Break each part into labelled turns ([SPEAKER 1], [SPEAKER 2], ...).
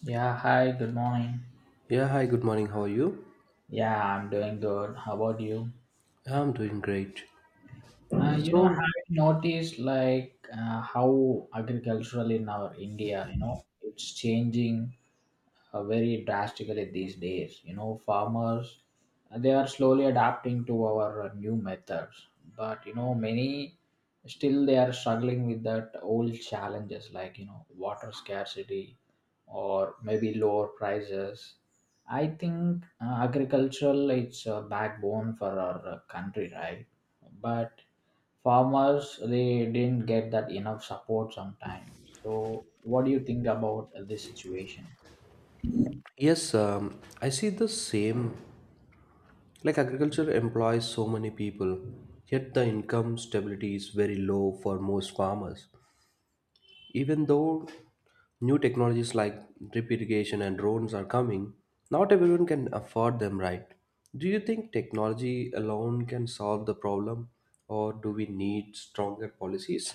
[SPEAKER 1] Yeah, hi, good morning.
[SPEAKER 2] Yeah, hi, good morning. How are you?
[SPEAKER 1] Yeah, I'm doing good. How about you?
[SPEAKER 2] Yeah, I'm doing great. So,
[SPEAKER 1] Have you noticed how agricultural in our India, you know, it's changing very drastically these days. You know, farmers they are slowly adapting to our new methods, but you know, many still they are struggling with that old challenges like you know water scarcity or maybe lower prices. I think agricultural it's a backbone for our country, right? But farmers they didn't get that enough support sometimes. So, what do you think about this situation?
[SPEAKER 2] yes, um, I see the same. Like, agriculture employs so many people, yet the income stability is very low for most farmers. Even though new technologies like drip irrigation and drones are coming, not everyone can afford them, right? Do you think technology alone can solve the problem, or do we need stronger policies?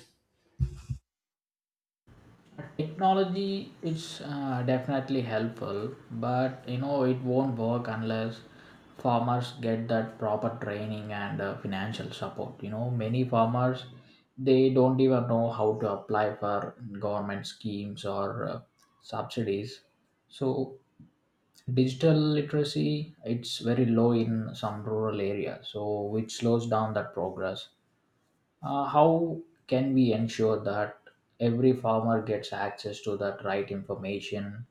[SPEAKER 1] Technology is definitely helpful, but you know it won't work unless farmers get that proper training and financial support. You know, many farmers they don't even know how to apply for government schemes or subsidies. So digital literacy it's very low in some rural areas, so which slows down that progress. How can we ensure that every farmer gets access to that right information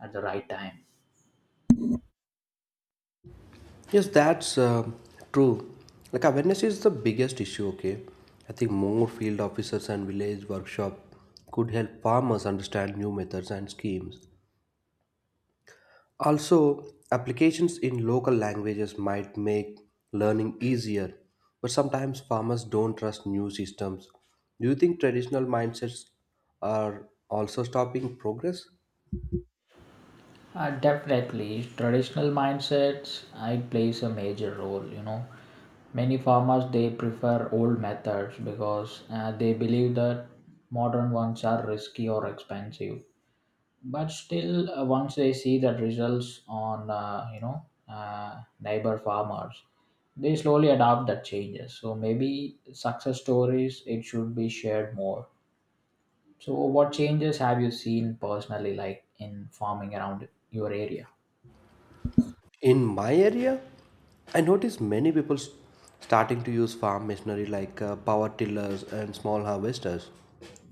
[SPEAKER 1] at the right time?
[SPEAKER 2] Yes, that's true. Like awareness is the biggest issue. Okay, I think more field officers and village workshop could help farmers understand new methods and schemes. Also, applications in local languages might make learning easier, but sometimes farmers don't trust new systems. Do you think traditional mindsets are also stopping progress?
[SPEAKER 1] Definitely, traditional mindsets I plays a major role. You know, many farmers they prefer old methods because they believe that modern ones are risky or expensive. But still once they see the results on neighbor farmers they slowly adopt that changes. So maybe success stories it should be shared more. So what changes have you seen personally like in farming around your area?
[SPEAKER 2] In my area, I notice many people starting to use farm machinery like power tillers and small harvesters.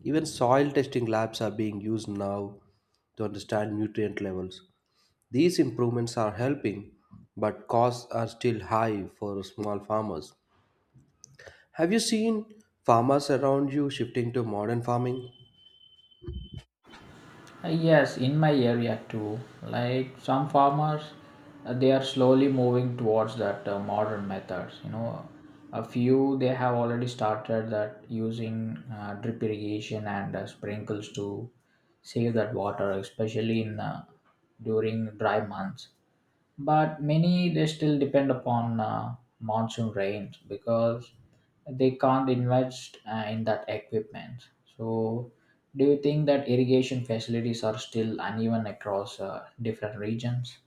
[SPEAKER 2] Even soil testing labs are being used now to understand nutrient levels. These improvements are helping, but costs are still high for small farmers. Have you seen farmers around you shifting to modern farming?
[SPEAKER 1] Yes, in my area too. Like some farmers, they are slowly moving towards that modern methods. You know, a few they have already started that using drip irrigation and sprinkles to save that water, especially in during dry months, but many they still depend upon monsoon rains because they can't invest in that equipment. So do you think that irrigation facilities are still uneven across different regions?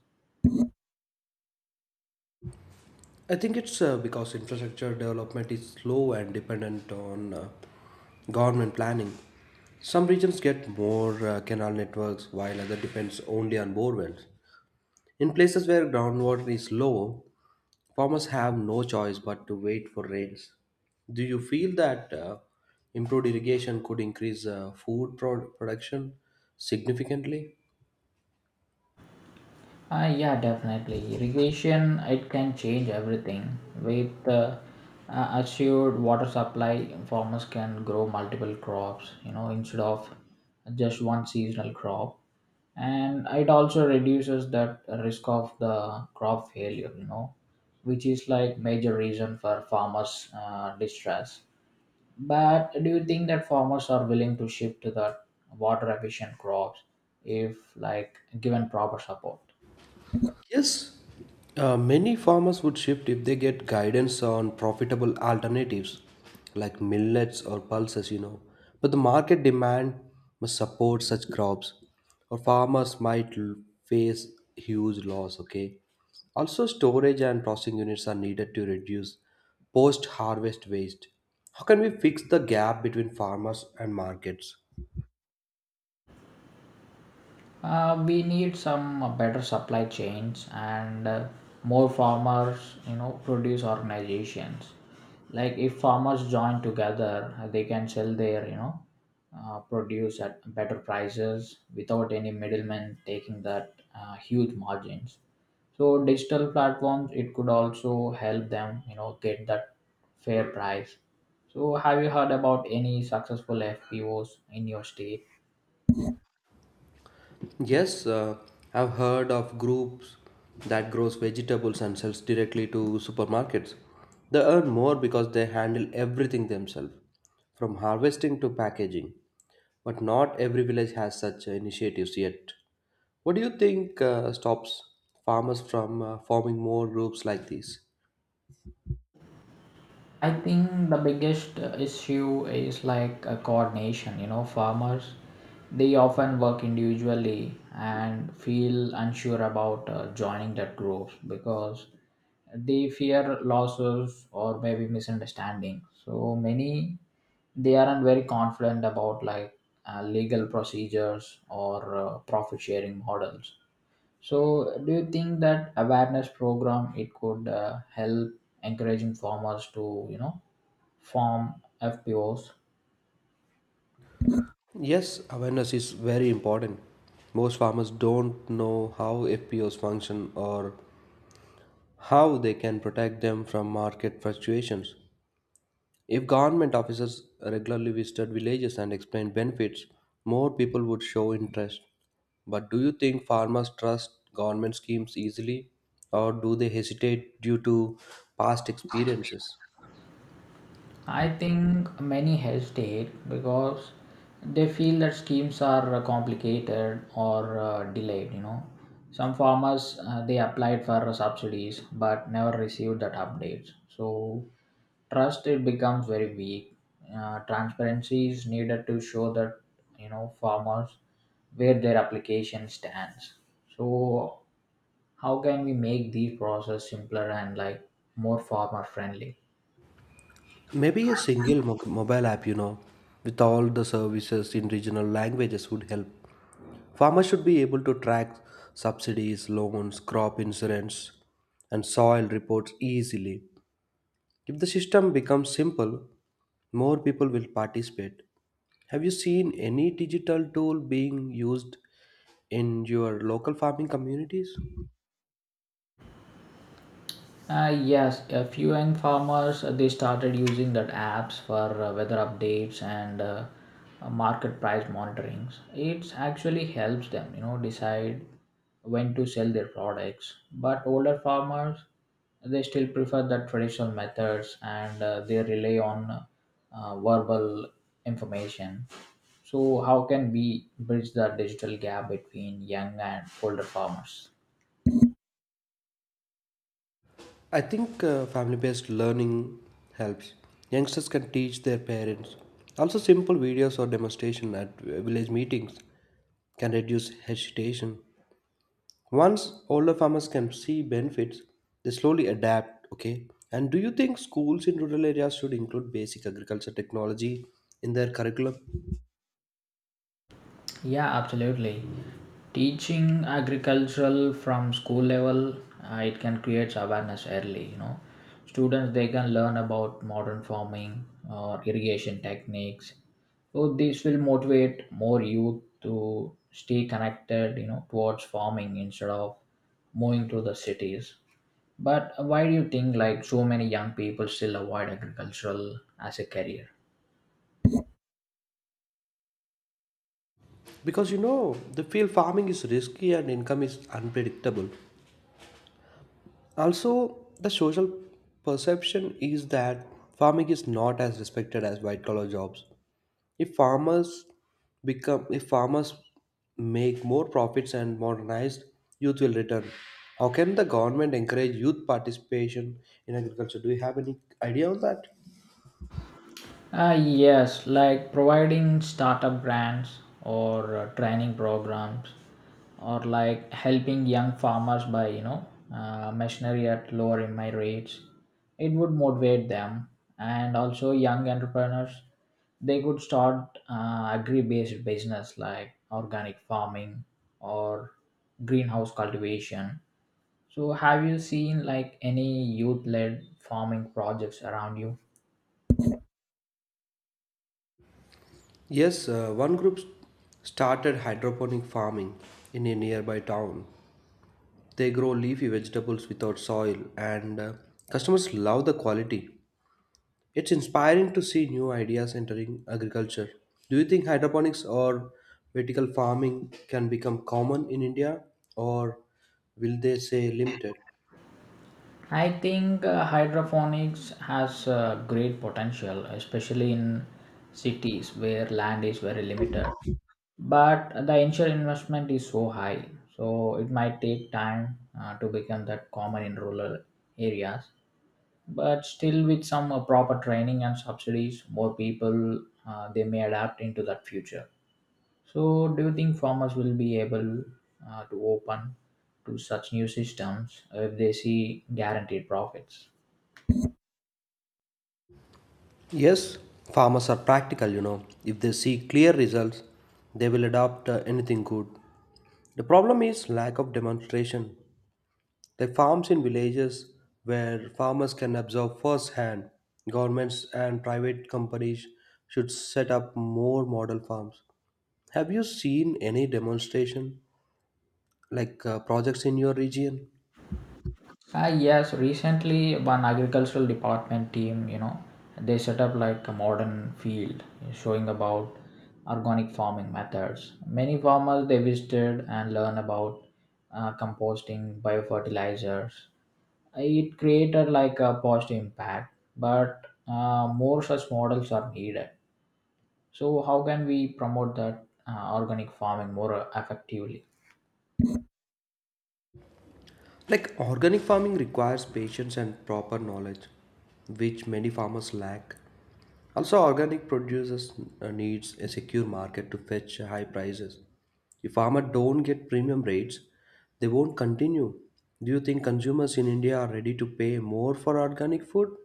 [SPEAKER 2] I think it's because infrastructure development is slow and dependent on government planning. Some regions get more canal networks while other depends only on borewells. In places where groundwater is low, farmers have no choice but to wait for rains. Do you feel that improved irrigation could increase food production significantly?
[SPEAKER 1] Yeah, definitely. Irrigation, it can change everything. With assured water supply, farmers can grow multiple crops, you know, instead of just one seasonal crop. And it also reduces that risk of the crop failure, you know, which is like major reason for farmers' distress. But do you think that farmers are willing to shift to the water efficient crops if like given proper support?
[SPEAKER 2] Yes, many farmers would shift if they get guidance on profitable alternatives like millets or pulses, you know. But the market demand must support such crops, or farmers might face huge loss, okay. Also, storage and processing units are needed to reduce post harvest waste. How can we fix the gap between farmers and markets?
[SPEAKER 1] We need some better supply chains and more farmers, you know, produce organizations. Like if farmers join together, they can sell their, you know, produce at better prices without any middlemen taking that huge margins. So digital platforms, it could also help them, you know, get that fair price. So have you heard about any successful FPOs in your state?
[SPEAKER 2] Yes, I've heard of groups that grows vegetables and sells directly to supermarkets. They earn more because they handle everything themselves, from harvesting to packaging. But not every village has such initiatives yet. What do you think stops farmers from forming more groups like these?
[SPEAKER 1] I think the biggest issue is like a coordination. You know, farmers they often work individually and feel unsure about joining that group because they fear losses or maybe misunderstanding. So many they aren't very confident about like legal procedures or profit sharing models. So, do you think that awareness program it could help encouraging farmers to you know farm FPOs?
[SPEAKER 2] Yes, awareness is very important. Most farmers don't know how FPOs function or how they can protect them from market fluctuations. If government officers regularly visited villages and explained benefits, more people would show interest. But do you think farmers trust government schemes easily or do they hesitate due to past experiences?
[SPEAKER 1] I think many hesitate because they feel that schemes are complicated or delayed. You know, some farmers they applied for subsidies but never received that updates. So trust it becomes very weak. Transparency is needed to show that you know farmers where their application stands. So how can we make the process simpler and like more farmer friendly?
[SPEAKER 2] Maybe a single mobile app, you know, with all the services in regional languages would help. Farmers should be able to track subsidies, loans, crop insurance, and soil reports easily. If the system becomes simple, more people will participate. Have you seen any digital tool being used in your local farming communities?
[SPEAKER 1] Yes, a few young farmers they started using that apps for weather updates and market price monitorings. It actually helps them, you know, decide when to sell their products. But older farmers they still prefer the traditional methods and they rely on verbal information. So, how can we bridge the digital gap between young and older farmers?
[SPEAKER 2] I think family based learning helps. Youngsters can teach their parents. Also, simple videos or demonstration at village meetings can reduce hesitation. Once older farmers can see benefits, they slowly adapt, okay? And do you think schools in rural areas should include basic agriculture technology in their curriculum?
[SPEAKER 1] Yeah, absolutely. Teaching agricultural from school level, it can create awareness early. You know, students they can learn about modern farming or irrigation techniques. So this will motivate more youth to stay connected. You know, towards farming instead of moving to the cities. But why do you think like so many young people still avoid agricultural as a career?
[SPEAKER 2] Because you know, the field farming is risky and income is unpredictable. Also, the social perception is that farming is not as respected as white collar jobs. If farmers become if farmers make more profits and modernized, youth will return. How can the government encourage youth participation in agriculture? Do you have any idea on that?
[SPEAKER 1] Yes, like providing startup grants or training programs, or like helping young farmers by you know machinery at lower in my rates. It would motivate them, and also young entrepreneurs. They could start agri-based business like organic farming or greenhouse cultivation. So, have you seen like any youth-led farming projects around you?
[SPEAKER 2] Yes, one group started hydroponic farming in a nearby town. They grow leafy vegetables without soil, and customers love the quality. It's inspiring to see new ideas entering agriculture. Do you think hydroponics or vertical farming can become common in India, or will they say limited?
[SPEAKER 1] I think hydroponics has great potential, especially in cities where land is very limited. But the initial investment is so high, so it might take time to become that common in rural areas. But still, with some proper training and subsidies, more people they may adapt into that future. So, do you think farmers will be able to open to such new systems if they see guaranteed profits?
[SPEAKER 2] Yes, farmers are practical, you know. If they see clear results, they will adopt anything good. The problem is lack of demonstration. The farms in villages where farmers can observe firsthand, governments and private companies should set up more model farms. Have you seen any demonstration like projects in your region?
[SPEAKER 1] Ah, yes, recently one agricultural department team, you know, they set up like a modern field showing about organic farming methods. Many farmers they visited and learn about composting, biofertilizers. It created like a positive impact, but more such models are needed. So how can we promote that organic farming more effectively?
[SPEAKER 2] Like organic farming requires patience and proper knowledge, which many farmers lack. Also, organic producers needs a secure market to fetch high prices. If farmers don't get premium rates, they won't continue. Do you think consumers in India are ready to pay more for organic food?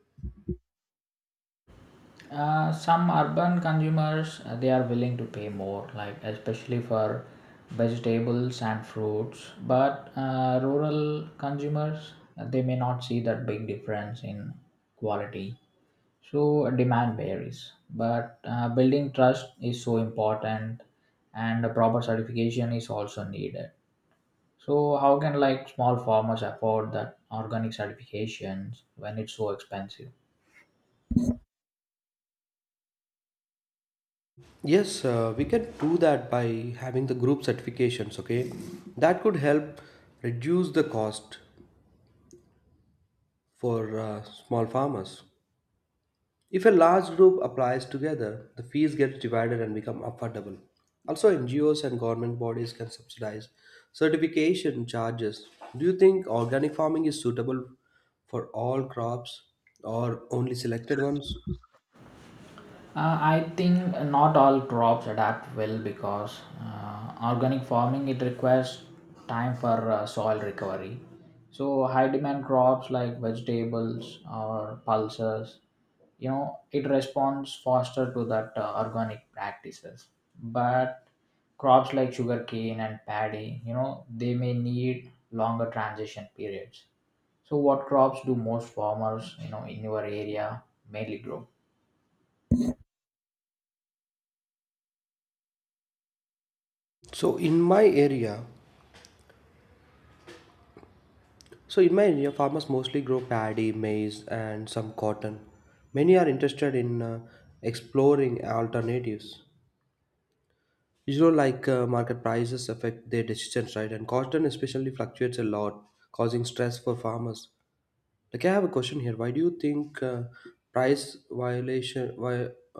[SPEAKER 1] Some urban consumers they are willing to pay more, like especially for vegetables and fruits. But rural consumers they may not see that big difference in quality. So demand varies, but building trust is so important, and a proper certification is also needed. So how can like small farmers afford that organic certifications when it's so expensive?
[SPEAKER 2] Yes, we can do that by having the group certifications, okay? That could help reduce the cost for small farmers. If a large group applies together, the fees get divided and become affordable. Also, NGOs and government bodies can subsidize certification charges. Do you think organic farming is suitable for all crops or only selected ones?
[SPEAKER 1] I think not all crops adapt well because organic farming it requires time for soil recovery. So high demand crops like vegetables or pulses, you know, it responds faster to that organic practices. But crops like sugarcane and paddy, you know, they may need longer transition periods. So what crops do most farmers, you know, in your area mainly grow?
[SPEAKER 2] So in my area, so in my area, farmers mostly grow paddy, maize, and some cotton. Many are interested in exploring alternatives. You know, like market prices affect their decisions, right? And cotton especially fluctuates a lot, causing stress for farmers. Like, I have a question here. Why do you think price violation why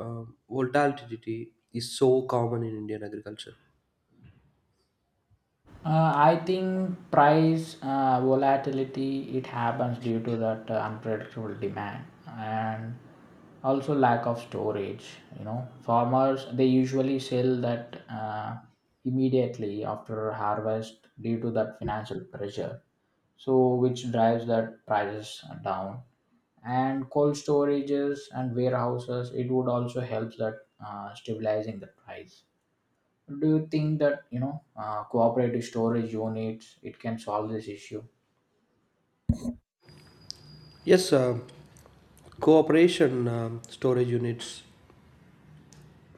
[SPEAKER 2] uh, volatility is so common in Indian agriculture?
[SPEAKER 1] I think price volatility it happens due to that unpredictable demand and also lack of storage. You know, farmers they usually sell that immediately after harvest due to that financial pressure. So which drives that prices down, and cold storages and warehouses it would also help that stabilizing the price. Do you think that you know cooperative storage units it can solve this issue?
[SPEAKER 2] Yes, cooperation storage units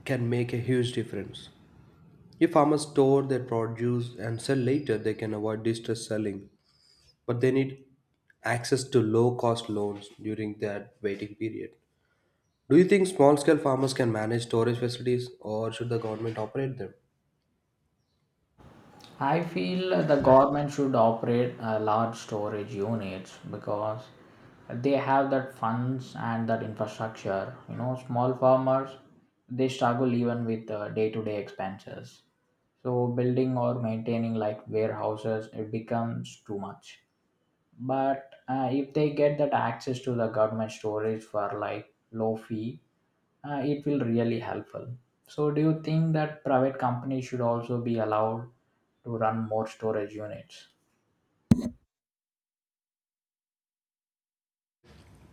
[SPEAKER 2] can make a huge difference. If farmers store their produce and sell later, they can avoid distress selling, but they need access to low cost loans during that waiting period. Do you think small scale farmers can manage storage facilities or should the government operate them?
[SPEAKER 1] I feel the government should operate large storage units because they have that funds and that infrastructure. You know, small farmers they struggle even with day-to-day expenses, so building or maintaining like warehouses it becomes too much. But if they get that access to the government storage for like low fee, it will really helpful. So do you think that private companies should also be allowed to run more storage units?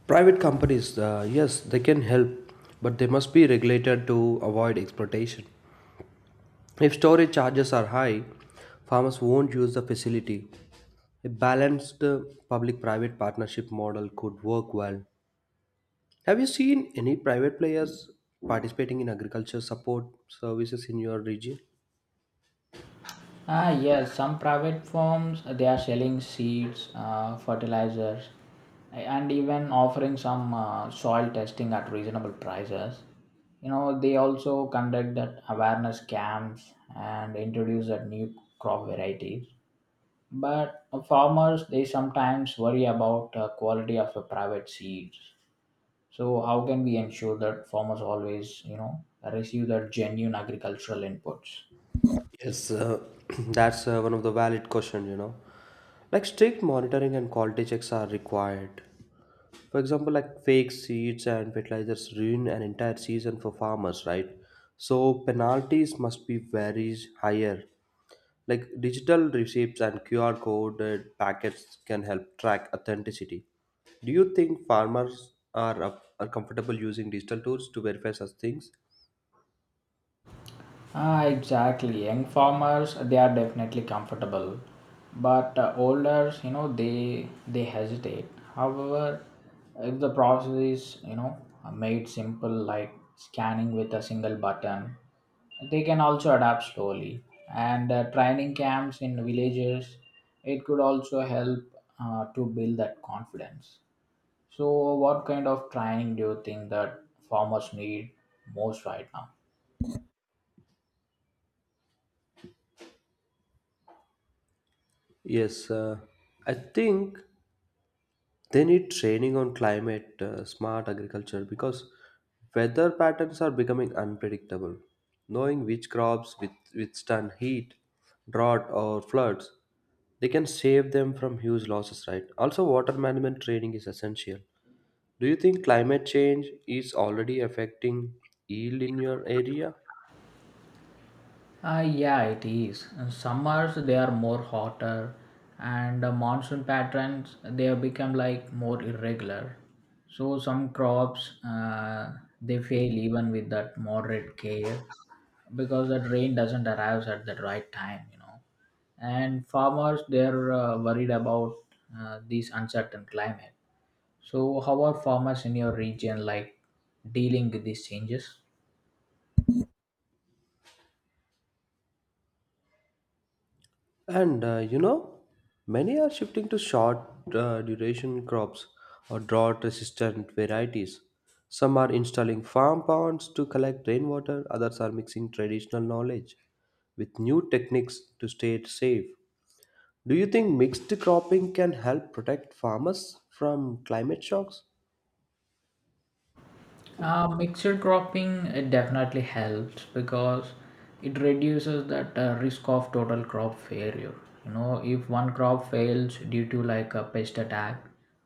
[SPEAKER 2] Private companies, yes, they can help, but they must be regulated to avoid exploitation. If storage charges are high, farmers won't use the facility. A balanced public private partnership model could work well. Have you seen any private players participating in agriculture support services in your region?
[SPEAKER 1] Ah yes, some private firms they are selling seeds, fertilizers, and even offering some soil testing at reasonable prices. You know they also conduct that awareness camps and introduce that new crop varieties. But farmers they sometimes worry about quality of the private seeds. So how can we ensure that farmers always, you know, receive that genuine agricultural inputs?
[SPEAKER 2] Yes, that's one of the valid question, you know. Like strict monitoring and quality checks are required. For example, like fake seeds and fertilizers ruin an entire season for farmers, right? So penalties must be very higher. Like digital receipts and QR coded packets can help track authenticity. Do you think farmers are comfortable using digital tools to verify such things?
[SPEAKER 1] Ah, exactly. Young farmers, they are definitely comfortable, but older, you know, they hesitate. However, if the process is, you know, made simple, like scanning with a single button, they can also adapt slowly. And training camps in villages, it could also help to build that confidence. So, what kind of training do you think that farmers need most right now?
[SPEAKER 2] Yes, I think. They need training on climate smart agriculture because weather patterns are becoming unpredictable. Knowing which crops withstand heat, drought, or floods, they can save them from huge losses, right? Also, water management training is essential. Do you think climate change is already affecting yield in your area?
[SPEAKER 1] Yeah, it is. In summers they are more hotter, and the monsoon patterns they have become like more irregular. So some crops they fail even with that moderate care because that rain doesn't arrive at the right time, you know. And farmers they're worried about this uncertain climate. So, how are farmers in your region like dealing with these changes?
[SPEAKER 2] And you know, many are shifting to short duration crops or drought resistant varieties. Some are installing farm ponds to collect rainwater, others are mixing traditional knowledge with new techniques to stay safe. Do you think mixed cropping can help protect farmers from climate shocks?
[SPEAKER 1] Mixed cropping it definitely helps because it reduces that risk of total crop failure. You know, if one crop fails due to like a pest attack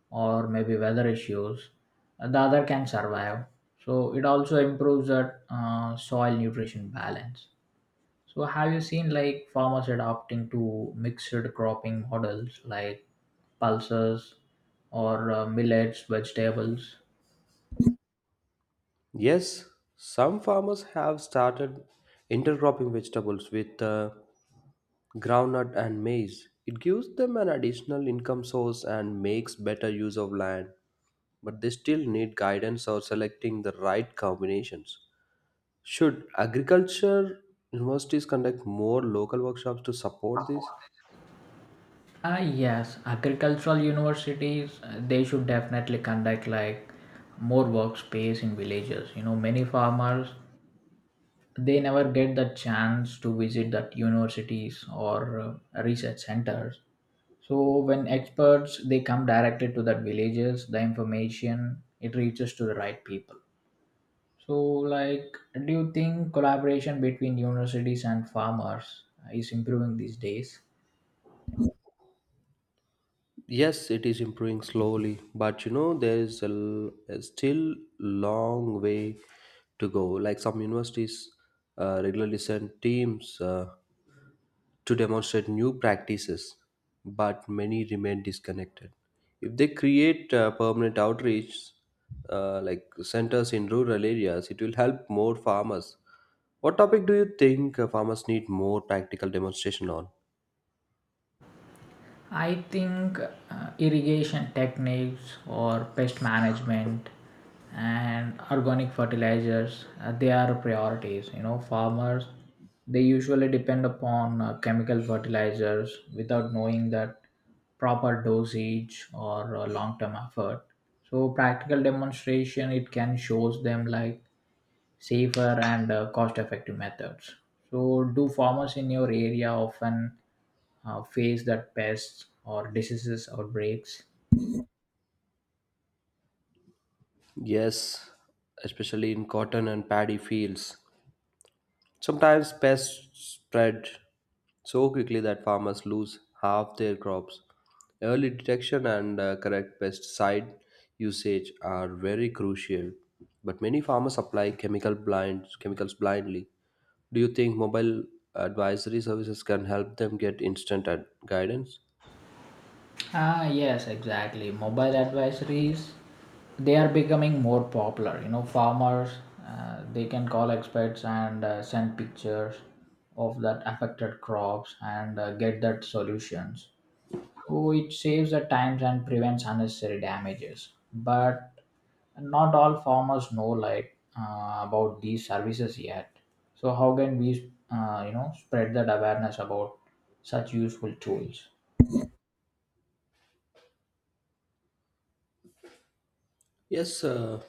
[SPEAKER 1] or maybe weather issues, the other can survive. So it also improves that soil nutrition balance. So have you seen like farmers adopting to mixed cropping models like pulses or millets, vegetables?
[SPEAKER 2] Yes, some farmers have started intercropping vegetables with groundnut and maize. It gives them an additional income source and makes better use of land, but they still need guidance or selecting the right combinations. Should agriculture universities conduct more local workshops to support this?
[SPEAKER 1] Ah yes, agricultural universities they should definitely conduct like more workspace in villages. You know, many farmers they never get the chance to visit that universities or research centers. So when experts they come directly to that villages, the information it reaches to the right people. So, like, do you think collaboration between universities and farmers is improving these days?
[SPEAKER 2] Yes, it is improving slowly, but you know there is a still long way to go. Like some universities regularly send teams. To demonstrate new practices, but many remain disconnected. If they create permanent outreach, like centers in rural areas, it will help more farmers. What topic do you think farmers need more practical demonstration on?
[SPEAKER 1] I think irrigation techniques or pest management and organic fertilizers they are priorities. You know, farmers they usually depend upon chemical fertilizers without knowing that proper dosage or long-term effort. So, practical demonstration it can shows them like safer and cost effective methods. So, do farmers in your area often face that pests or diseases outbreaks?
[SPEAKER 2] Yes, especially in cotton and paddy fields. Sometimes pests spread so quickly that farmers lose half their crops. Early detection and correct pesticide usage are very crucial. But many farmers apply chemicals blindly. Do you think mobile advisory services can help them get instant guidance?
[SPEAKER 1] Ah, yes, exactly. Mobile advisories they are becoming more popular. You know, farmers they can call experts and send pictures of that affected crops and get that solutions. So it saves the times and prevents unnecessary damages. But And not all farmers know like about these services yet, so how can we you know spread that awareness about such useful tools.
[SPEAKER 2] Yes,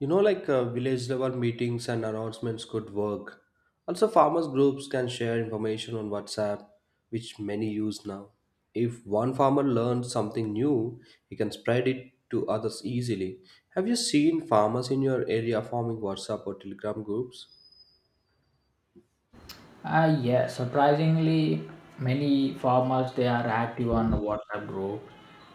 [SPEAKER 2] you know, like village level meetings and announcements could work. Also, farmers groups can share information on WhatsApp, which many use now. If one farmer learns something new, he can spread it to others easily. Have you seen farmers in your area forming WhatsApp or Telegram groups?
[SPEAKER 1] Yes, surprisingly many farmers they are active on the WhatsApp group,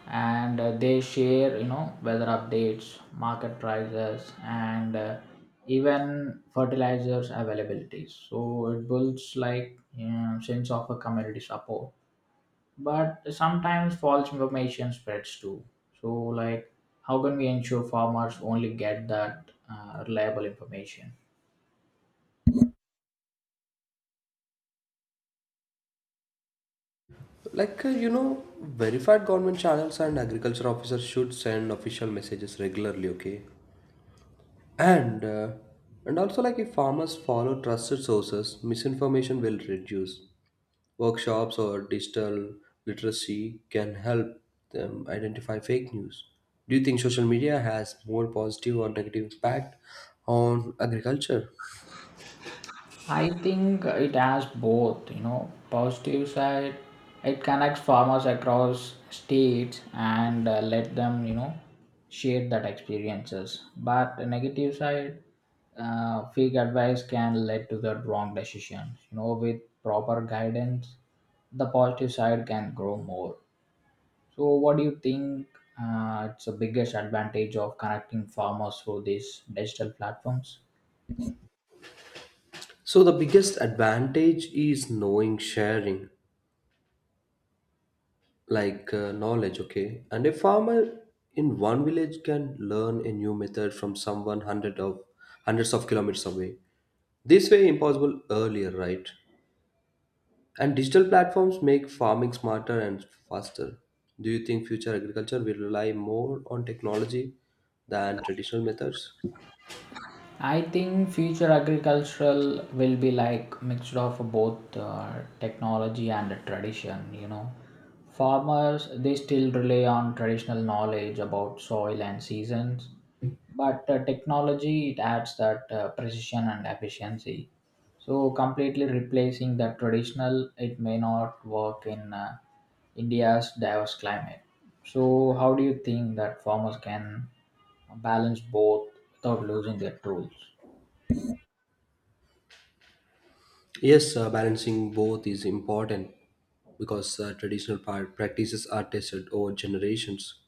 [SPEAKER 1] and they share, you know, weather updates, market prices and even fertilizers availabilities. So it builds like, you know, sense of a community support, but sometimes false information spreads too. So like, how can we ensure farmers only get that reliable information?
[SPEAKER 2] Like, you know, verified government channels and agriculture officers should send official messages regularly, okay? And uh, and also, like, if farmers follow trusted sources, misinformation will reduce. Workshops or digital literacy can help them identify fake news. Do you think social media has more positive or negative impact on agriculture?
[SPEAKER 1] I think it has both. You know, positive side, it connects farmers across states and let them, you know, share that experiences. But the negative side, fake advice can lead to the wrong decisions. You know, with proper guidance, the positive side can grow more. So, what do you think it's the biggest advantage of connecting farmers through these digital platforms?
[SPEAKER 2] So the biggest advantage is knowing sharing like knowledge, okay? And a farmer in one village can learn a new method from someone hundreds of kilometers away. This way impossible earlier, right? And digital platforms make farming smarter and faster. Do you think future agriculture will rely more on technology than traditional methods?
[SPEAKER 1] I think future agricultural will be like mixture of both technology and tradition. You know, farmers they still rely on traditional knowledge about soil and seasons, but technology it adds that precision and efficiency. So completely replacing the traditional, it may not work in India's diverse climate. So how do you think that farmers can balance both without losing their tools?
[SPEAKER 2] Yes, balancing both is important because traditional practices are tested over generations.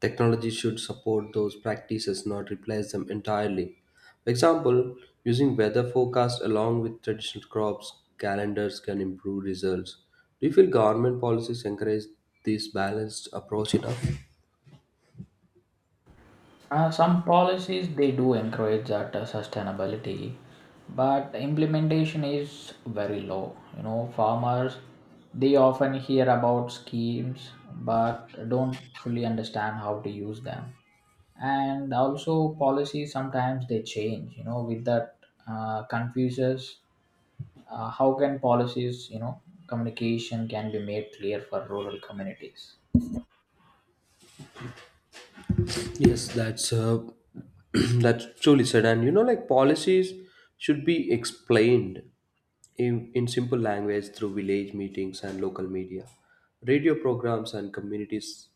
[SPEAKER 2] Technology should support those practices, not replace them entirely. For example, using weather forecasts along with traditional crops calendars can improve results. Do you feel government policies encourage this balanced approach enough?
[SPEAKER 1] Some policies they do encourage that sustainability, but the implementation is very low. You know, farmers they often hear about schemes but don't fully understand how to use them. And also policies sometimes they change. You know, with that confuses, how can policies, you know, communication can be made clear for rural communities.
[SPEAKER 2] Yes, that's that's truly said. And you know, like policies should be explained in simple language through village meetings and local media, radio programs, and communities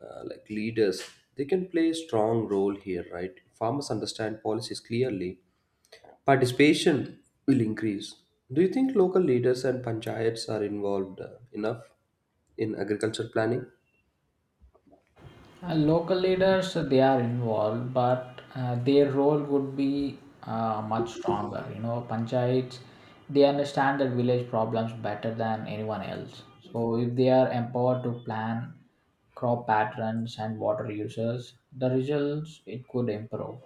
[SPEAKER 2] like leaders. They can play a strong role here, right? Farmers understand policies clearly. Participation will increase. Do you think local leaders and panchayats are involved enough in agriculture planning?
[SPEAKER 1] Local leaders they are involved, but their role would be much stronger. You know, panchayats they understand the village problems better than anyone else. So if they are empowered to plan crop patterns and water uses, the results it could improve.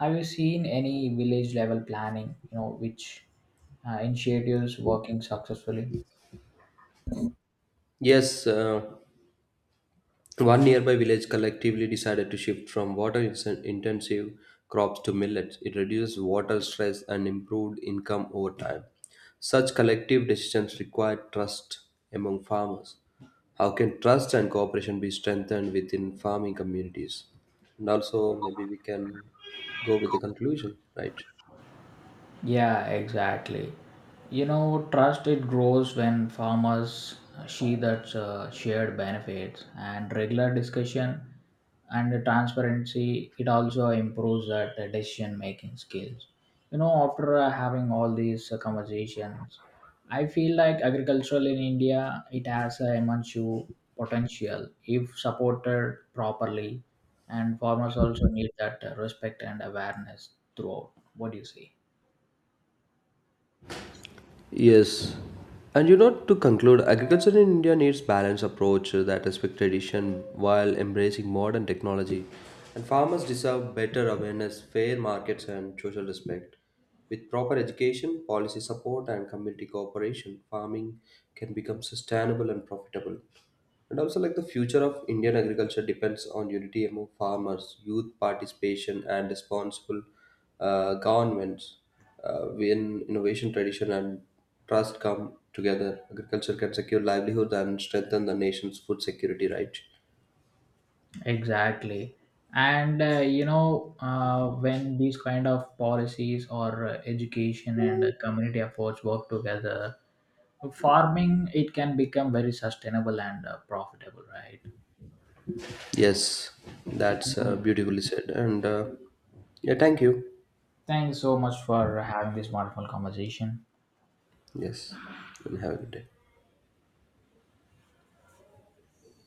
[SPEAKER 1] Have you seen any village level planning, you know, which initiatives working successfully?
[SPEAKER 2] Yes, one nearby village collectively decided to shift from water intensive crops to millets. It reduced water stress and improved income over time. Such collective decisions require trust among farmers. How can trust and cooperation be strengthened within farming communities? And also, maybe we can go with the conclusion, right?
[SPEAKER 1] Yeah, exactly. You know, trust it grows when farmers see that shared benefits and regular discussion and the transparency. It also improves that decision making skills. You know, after having all these conversations, I feel like agricultural in India it has a immense potential if supported properly, and farmers also need that respect and awareness throughout. What do you say?
[SPEAKER 2] Yes. And you know, to conclude, agriculture in India needs balanced approach that respects tradition while embracing modern technology. And farmers deserve better awareness, fair markets, and social respect. With proper education, policy support, and community cooperation, farming can become sustainable and profitable. And also, like the future of Indian agriculture depends on unity among farmers, youth participation, and responsible governments. When innovation, tradition, and trust come together, agriculture can secure livelihood and strengthen the nation's food security. Right?
[SPEAKER 1] Exactly. And you know, when these kind of policies or education and community efforts work together, farming it can become very sustainable and profitable, right?
[SPEAKER 2] Yes, that's
[SPEAKER 1] Mm.
[SPEAKER 2] beautifully said. And yeah, thank you.
[SPEAKER 1] Thanks so much for having this wonderful conversation.
[SPEAKER 2] Yes, and have a good day.